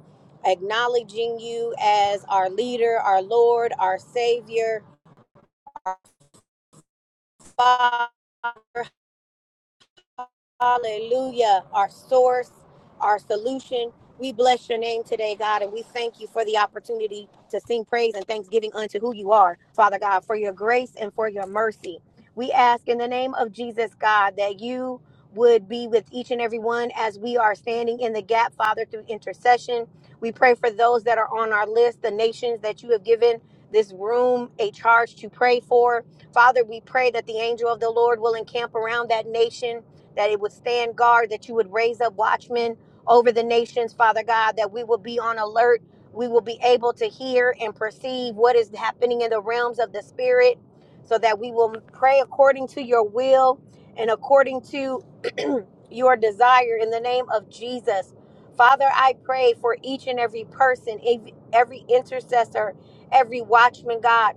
[SPEAKER 5] acknowledging you as our leader, our Lord, our Savior Father Hallelujah. Our source, our solution. We bless your name today, God, and we thank you for the opportunity to sing praise and thanksgiving unto who you are, Father God, for your grace and for your mercy. We ask in the name of Jesus, God, that you would be with each and every one as we are standing in the gap, Father, through intercession. We pray for those that are on our list, the nations that you have given this room a charge to pray for. Father, we pray that the angel of the Lord will encamp around that nation that it would stand guard, that you would raise up watchmen over the nations, Father God, that we will be on alert. We will be able to hear and perceive what is happening in the realms of the Spirit so that we will pray according to your will and according to your desire in the name of Jesus. Father, I pray for each and every person, ev- every intercessor, every watchman, God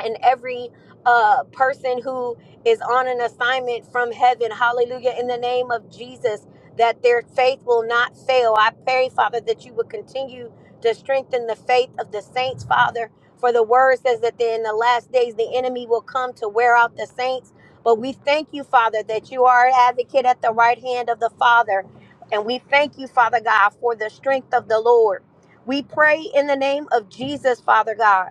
[SPEAKER 5] and every uh, person who is on an assignment from heaven. Hallelujah. In the name of Jesus, that their faith will not fail. I pray, Father, that you would continue to strengthen the faith of the saints, Father. For the word says that in the last days the enemy will come to wear out the saints. But we thank you, Father, that you are an advocate at the right hand of the Father. And we thank you, Father God, for the strength of the Lord. We pray in the name of Jesus, Father God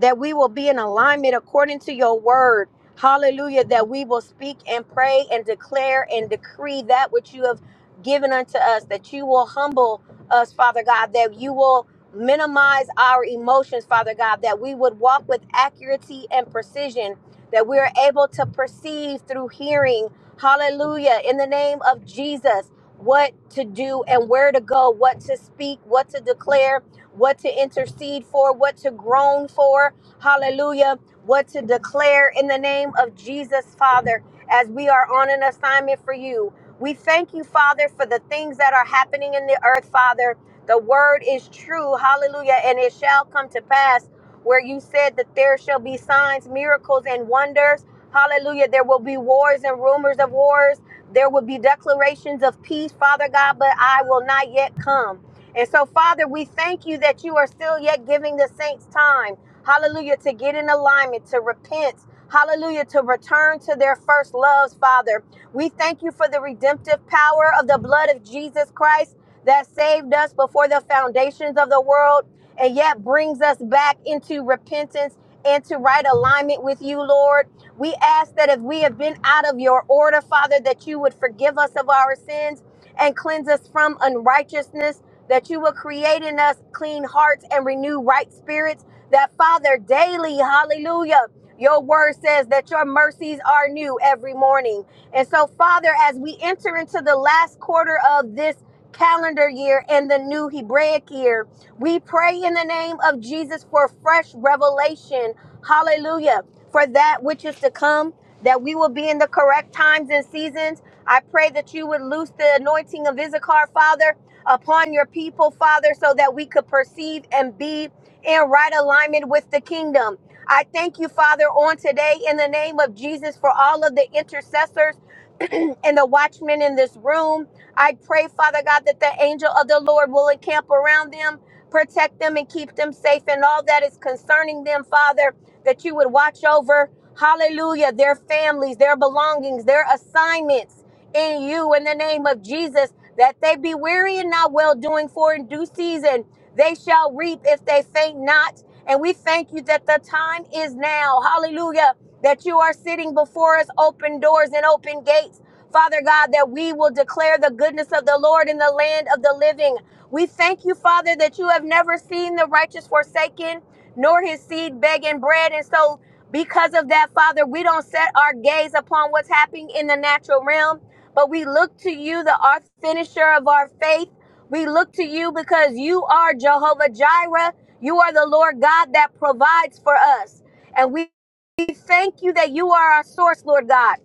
[SPEAKER 5] that we will be in alignment according to your word. Hallelujah. That we will speak and pray and declare and decree that which you have given unto us, that you will humble us, Father God, that you will minimize our emotions, Father God, that we would walk with accuracy and precision, that we are able to perceive through hearing. Hallelujah. In the name of Jesus, what to do and where to go, what to speak, what to declare what to intercede for, what to groan for. Hallelujah. What to declare in the name of Jesus, Father, as we are on an assignment for you. We thank you, Father, for the things that are happening in the earth, Father. The word is true. Hallelujah. And it shall come to pass where you said that there shall be signs, miracles, and wonders. Hallelujah. There will be wars and rumors of wars. There will be declarations of peace, Father God, but I will not yet come. And so, Father, we thank you that you are still yet giving the saints time. Hallelujah. To get in alignment, to repent. Hallelujah. To return to their first loves, Father. We thank you for the redemptive power of the blood of Jesus Christ that saved us before the foundations of the world and yet brings us back into repentance and to right alignment with you, Lord. We ask that if we have been out of your order, Father, that you would forgive us of our sins and cleanse us from unrighteousness, that you will create in us clean hearts and renew right spirits, that Father, daily, hallelujah. Your word says that your mercies are new every morning. And so, Father, as we enter into the last quarter of this calendar year and the new Hebraic year, we pray in the name of Jesus for fresh revelation. Hallelujah. For that which is to come, that we will be in the correct times and seasons. I pray that you would loose the anointing of Issachar, Father, upon your people, Father, so that we could perceive and be in right alignment with the kingdom. I thank you, Father, on today in the name of Jesus for all of the intercessors and the watchmen in this room. I pray, Father God, that the angel of the Lord will encamp around them, protect them, and keep them safe and all that is concerning them, Father, that you would watch over, hallelujah, their families, their belongings, their assignments in you in the name of Jesus, that they be weary and not well doing, for in due season they shall reap if they faint not. And we thank you that the time is now. Hallelujah. That you are sitting before us, open doors and open gates. Father God, that we will declare the goodness of the Lord in the land of the living. We thank you, Father, that you have never seen the righteous forsaken, nor his seed begging bread. And so, because of that, Father, we don't set our gaze upon what's happening in the natural realm but we look to you, the art finisher of our faith. We look to you because you are Jehovah Jireh. You are the Lord God that provides for us. And we we thank you that you are our source, Lord God.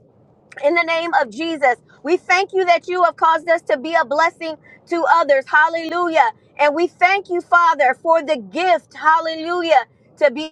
[SPEAKER 5] In the name of Jesus, we thank you that you have caused us to be a blessing to others. Hallelujah. And we thank you, Father, for the gift. Hallelujah. To be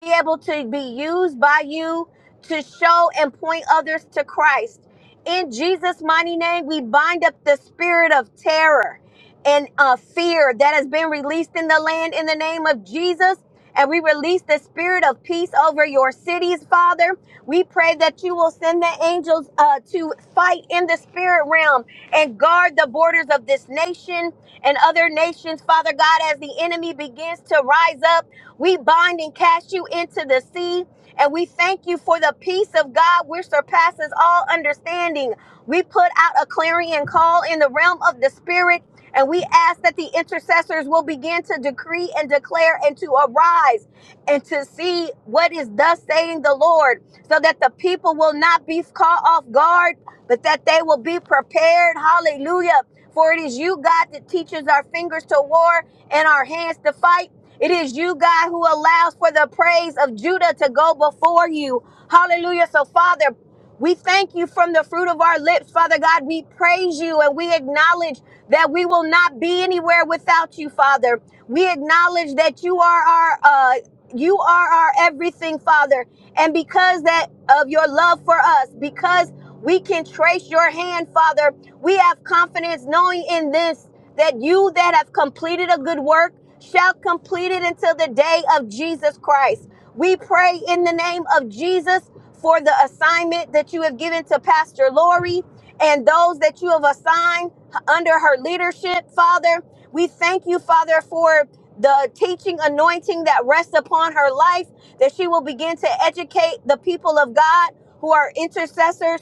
[SPEAKER 5] be able to be used by you to show and point others to Christ. In Jesus' mighty name, we bind up the spirit of terror and uh, fear that has been released in the land in the name of Jesus. And we release the spirit of peace over your cities, Father. We pray that you will send the angels uh, to fight in the spirit realm and guard the borders of this nation and other nations, Father God, as the enemy begins to rise up we bind and cast you into the sea. And we thank you for the peace of God which surpasses all understanding. We put out a clarion call in the realm of the spirit and we ask that the intercessors will begin to decree and declare and to arise and to see what is thus saying the Lord, so that the people will not be caught off guard, but that they will be prepared. Hallelujah. For it is you, God, that teaches our fingers to war and our hands to fight. It is you, God, who allows for the praise of Judah to go before you. Hallelujah. So, Father, we thank you from the fruit of our lips, Father God. We praise you and we acknowledge that we will not be anywhere without you, Father. We acknowledge that you are our uh you are our everything, Father. And because that of your love for us, because we can trace your hand, Father, we have confidence knowing in this that you that have completed a good work shall complete it until the day of Jesus Christ. We pray in the name of Jesus for the assignment that you have given to Pastor Lori and those that you have assigned under her leadership, Father. We thank you, Father, for the teaching anointing that rests upon her life, that she will begin to educate the people of God who are intercessors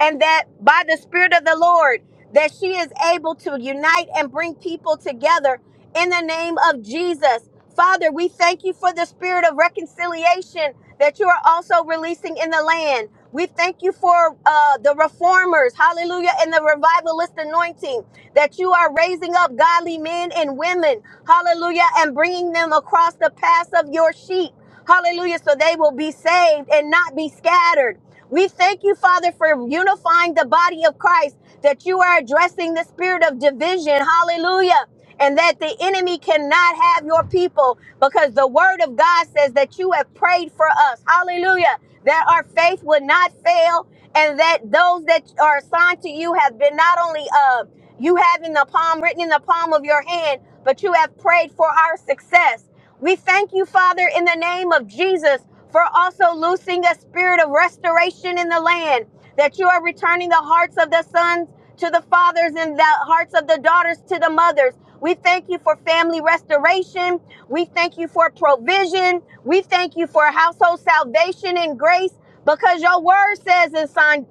[SPEAKER 5] and that by the spirit of the lord that she is able to unite and bring people together in the name of jesus father we thank you for the spirit of reconciliation that you are also releasing in the land we thank you for uh, the reformers hallelujah and the revivalist anointing that you are raising up godly men and women hallelujah and bringing them across the paths of your sheep hallelujah so they will be saved and not be scattered we thank you, Father, for unifying the body of Christ, that you are addressing the spirit of division. Hallelujah. And that the enemy cannot have your people because the word of God says that you have prayed for us. Hallelujah. That our faith would not fail and that those that are assigned to you have been not only, uh, you have in the palm, written in the palm of your hand, but you have prayed for our success. We thank you, Father, in the name of Jesus, for also loosing a spirit of restoration in the land, that you are returning the hearts of the sons to the fathers and the hearts of the daughters to the mothers. We thank you for family restoration. We thank you for provision. We thank you for household salvation and grace because your word says in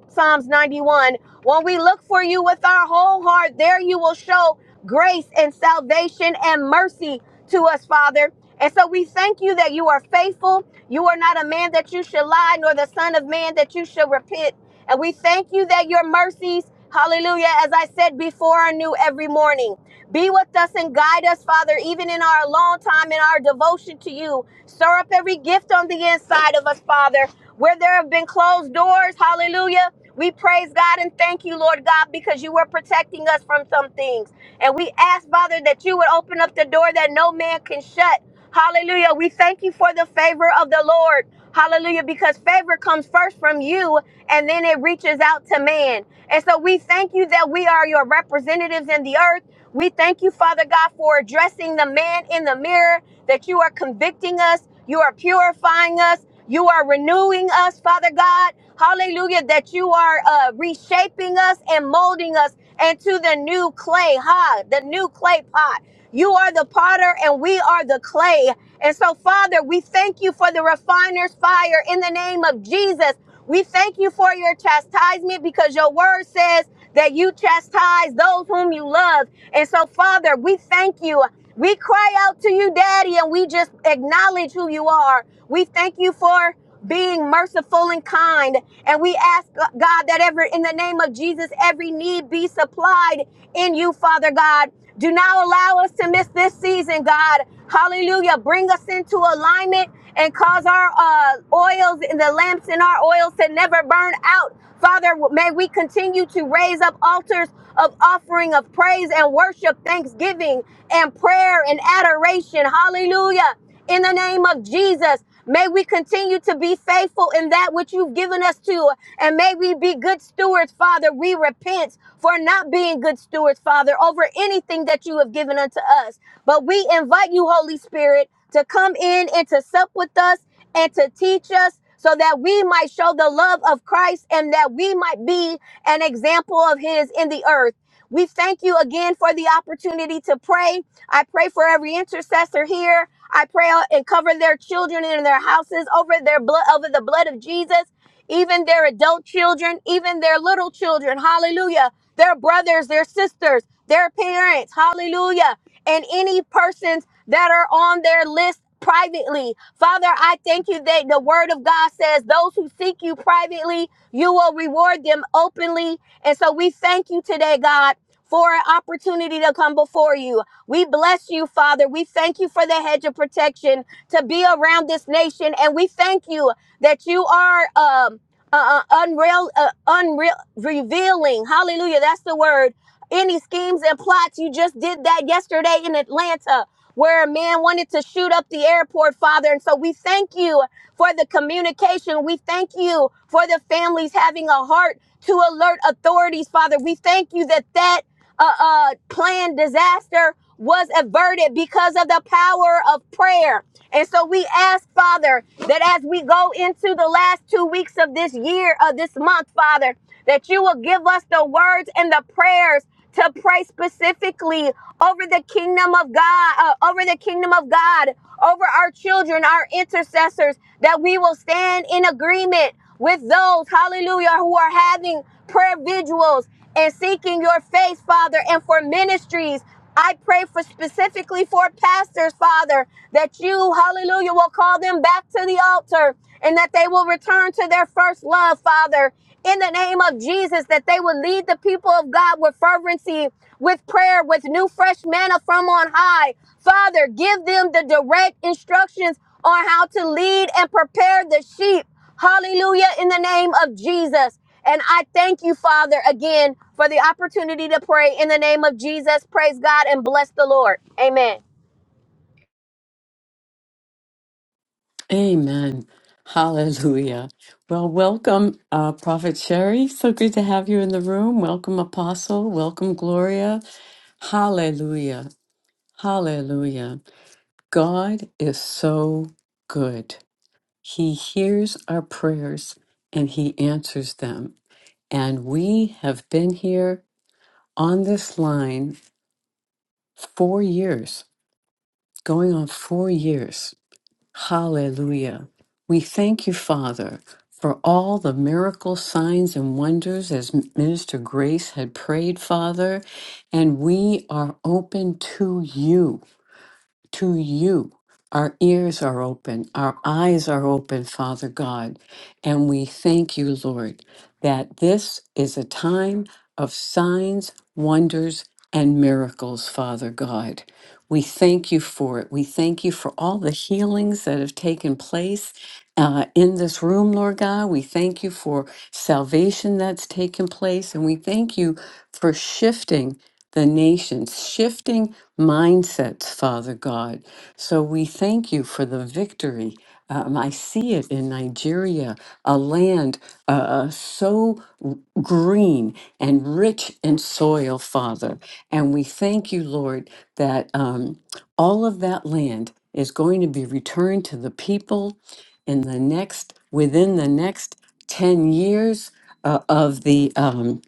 [SPEAKER 5] Psalms 91 when we look for you with our whole heart, there you will show grace and salvation and mercy to us, Father. And so we thank you that you are faithful. You are not a man that you should lie, nor the Son of Man that you should repent. And we thank you that your mercies, hallelujah, as I said before, are new every morning. Be with us and guide us, Father, even in our alone time, in our devotion to you. Stir up every gift on the inside of us, Father. Where there have been closed doors, hallelujah. We praise God and thank you, Lord God, because you were protecting us from some things. And we ask, Father, that you would open up the door that no man can shut. Hallelujah. We thank you for the favor of the Lord. Hallelujah. Because favor comes first from you and then it reaches out to man. And so we thank you that we are your representatives in the earth. We thank you, Father God, for addressing the man in the mirror, that you are convicting us, you are purifying us. You are renewing us, Father God. Hallelujah, that you are uh, reshaping us and molding us into the new clay, ha, the new clay pot. You are the potter and we are the clay. And so, Father, we thank you for the refiner's fire in the name of Jesus. We thank you for your chastisement because your word says that you chastise those whom you love. And so, Father, we thank you. We cry out to you, Daddy, and we just acknowledge who you are. We thank you for being merciful and kind. And we ask, uh, God, that ever in the name of Jesus, every need be supplied in you, Father God. Do not allow us to miss this season, God. Hallelujah. Bring us into alignment and cause our uh, oils and the lamps in our oils to never burn out. Father, may we continue to raise up altars of offering of praise and worship, thanksgiving and prayer and adoration. Hallelujah. In the name of Jesus, may we continue to be faithful in that which you've given us to, and may we be good stewards, Father. We repent for not being good stewards, Father, over anything that you have given unto us. But we invite you, Holy Spirit to come in and to sup with us and to teach us so that we might show the love of Christ and that we might be an example of His in the earth. We thank you again for the opportunity to pray. I pray for every intercessor here. I pray and cover their children in their houses over their blood over the blood of Jesus, even their adult children, even their little children. Hallelujah. Their brothers, their sisters, their parents. Hallelujah. And any persons that are on their list privately. Father, I thank you that the word of God says those who seek you privately, you will reward them openly. And so we thank you today, God. For an opportunity to come before you. We bless you, Father. We thank you for the hedge of protection to be around this nation. And we thank you that you are um, uh, uh, unreal, uh, unreal, revealing. Hallelujah. That's the word. Any schemes and plots. You just did that yesterday in Atlanta where a man wanted to shoot up the airport, Father. And so we thank you for the communication. We thank you for the families having a heart to alert authorities, Father. We thank you that that uh, uh, planned disaster was averted because of the power of prayer. And so we ask, Father, that as we go into the last two weeks of this year, of this month, Father, that you will give us the words and the prayers to pray specifically over the kingdom of God, uh, over the kingdom of God, over our children, our intercessors, that we will stand in agreement with those, hallelujah, who are having prayer vigils and seeking your face, Father, and for ministries I pray for specifically for pastors, Father, that you, hallelujah, will call them back to the altar and that they will return to their first love, Father, in the name of Jesus, that they will lead the people of God with fervency, with prayer, with new fresh manna from on high. Father, give them the direct instructions on how to lead and prepare the sheep. Hallelujah, in the name of Jesus. And I thank you, Father, again for the opportunity to pray in the name of Jesus. Praise God and bless the Lord. Amen.
[SPEAKER 1] Amen. Hallelujah. Well, welcome, uh, Prophet Sherry. So good to have you in the room. Welcome, Apostle. Welcome, Gloria. Hallelujah. Hallelujah. God is so good. He hears our prayers and he answers them. And we have been here on this line four years, going on four years. Hallelujah. We thank you, Father, for all the miracles, signs, and wonders as Minister Grace had prayed, Father. And we are open to you. to you. Our ears are open, our eyes are open, Father God. And we thank you, Lord, that this is a time of signs, wonders, and miracles, Father God. We thank you for it. We thank you for all the healings that have taken place uh, in this room, Lord God. We thank you for salvation that's taken place. And we thank you for shifting the nations, shifting mindsets, Father God. So we thank you for the victory. Um, I see it in Nigeria, a land uh, uh, so w- green and rich in soil, Father. And we thank you, Lord, that um, all of that land is going to be returned to the people in the next, within the next 10 years uh, of the. um,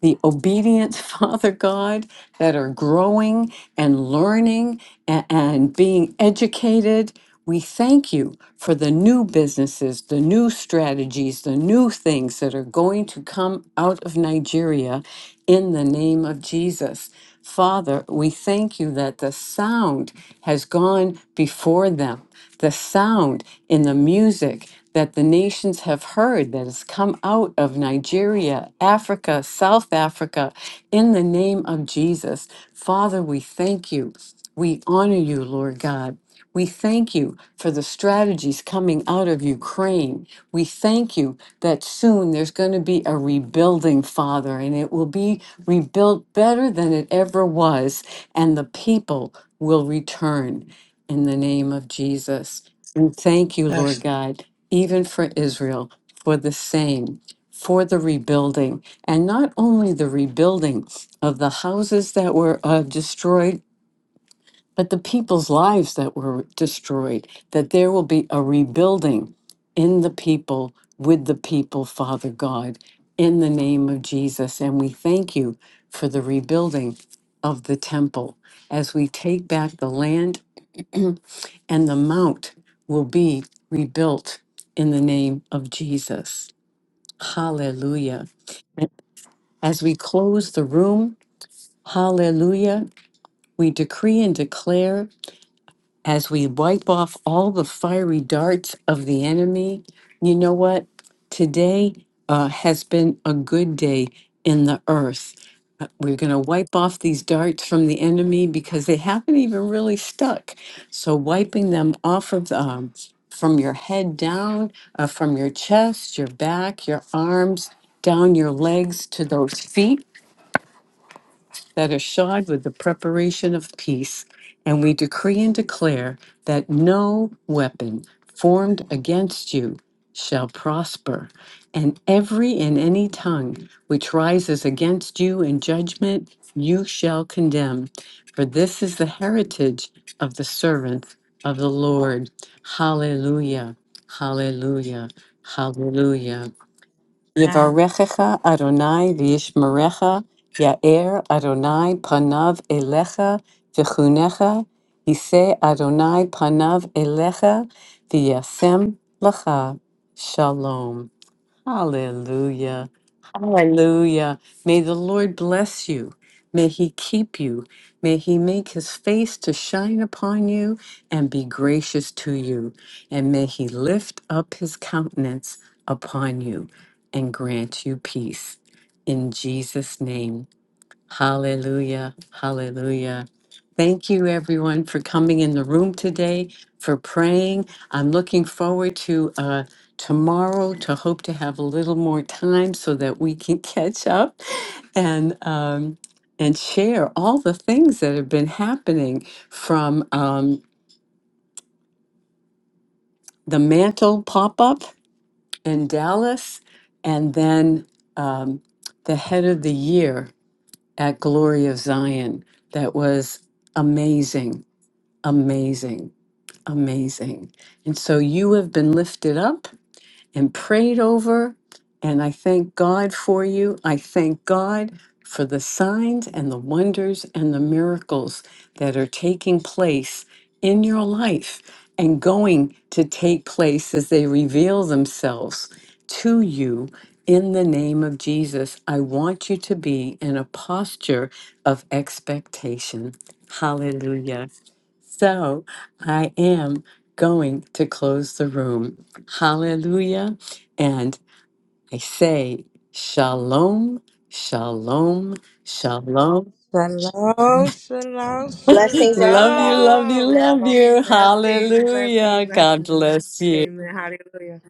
[SPEAKER 1] the obedient Father God that are growing and learning a- and, being educated we thank you for the new businesses, the new strategies, the new things that are going to come out of Nigeria in the name of Jesus. Father, we thank you that the sound has gone before them, the sound in the music that the nations have heard that has come out of Nigeria, Africa, South Africa, in the name of Jesus. Father, we thank you. We honor you, Lord God. We thank you for the strategies coming out of Ukraine. We thank you that soon there's going to be a rebuilding, Father, and it will be rebuilt better than it ever was, and the people will return in the name of Jesus. And thank you, Lord
[SPEAKER 4] Yes.
[SPEAKER 1] God, even for Israel, for the same, for the rebuilding, and not only the rebuilding of the houses that were uh, destroyed but the people's lives that were destroyed, that there will be a rebuilding in the people, with the people, Father God, in the name of Jesus. And we thank you for the rebuilding of the temple as we take back the land and the mount will be rebuilt in the name of Jesus. Hallelujah. As we close the room, hallelujah, we decree and declare as we wipe off all the fiery darts of the enemy, you know what? Today uh, has been a good day in the earth. Uh, We're going to wipe off these darts from the enemy because they haven't even really stuck. So, wiping them off of the, um, from your head down, uh, from your chest, your back, your arms, down your legs to those feet that are shod with the preparation of peace, and we decree and declare that no weapon formed against you shall prosper, and every and any tongue which rises against you in judgment you shall condemn. For this is the heritage of the servants of the Lord. Hallelujah. Hallelujah. Hallelujah. Yevarechecha Adonai v'yishmerecha, Ya'er Adonai panav elecha v'chunecha, Yiseh Adonai panav elecha v'yasem lecha. Shalom. Hallelujah. Hallelujah. May the Lord bless you. May he keep you. May he make his face to shine upon you and be gracious to you. And may he lift up his countenance upon you and grant you peace. In Jesus' name. Hallelujah. Hallelujah. Thank you, everyone, for coming in the room today, for praying. I'm looking forward to uh, tomorrow to hope to have a little more time so that we can catch up and um, and share all the things that have been happening from um, the mantle pop up in Dallas, and then um, the head of the year at Glory of Zion that was amazing, amazing, amazing. And so you have been lifted up and prayed over. And I thank God for you. I thank God for the signs and the wonders and the miracles that are taking place in your life and going to take place as they reveal themselves to you in the name of Jesus. I want you to be in a posture of expectation. Hallelujah. So I am going to close the room. Hallelujah. And I say, Shalom, Shalom, Shalom.
[SPEAKER 4] Shalom, shalom,
[SPEAKER 1] love
[SPEAKER 5] Blessings,
[SPEAKER 1] you,
[SPEAKER 5] everybody.
[SPEAKER 1] love you,
[SPEAKER 4] shalom.
[SPEAKER 1] love
[SPEAKER 5] Shalom.
[SPEAKER 1] you.
[SPEAKER 4] Blessings, blessings,
[SPEAKER 1] Hallelujah. God
[SPEAKER 4] blessings.
[SPEAKER 1] bless you.
[SPEAKER 4] Amen. Hallelujah.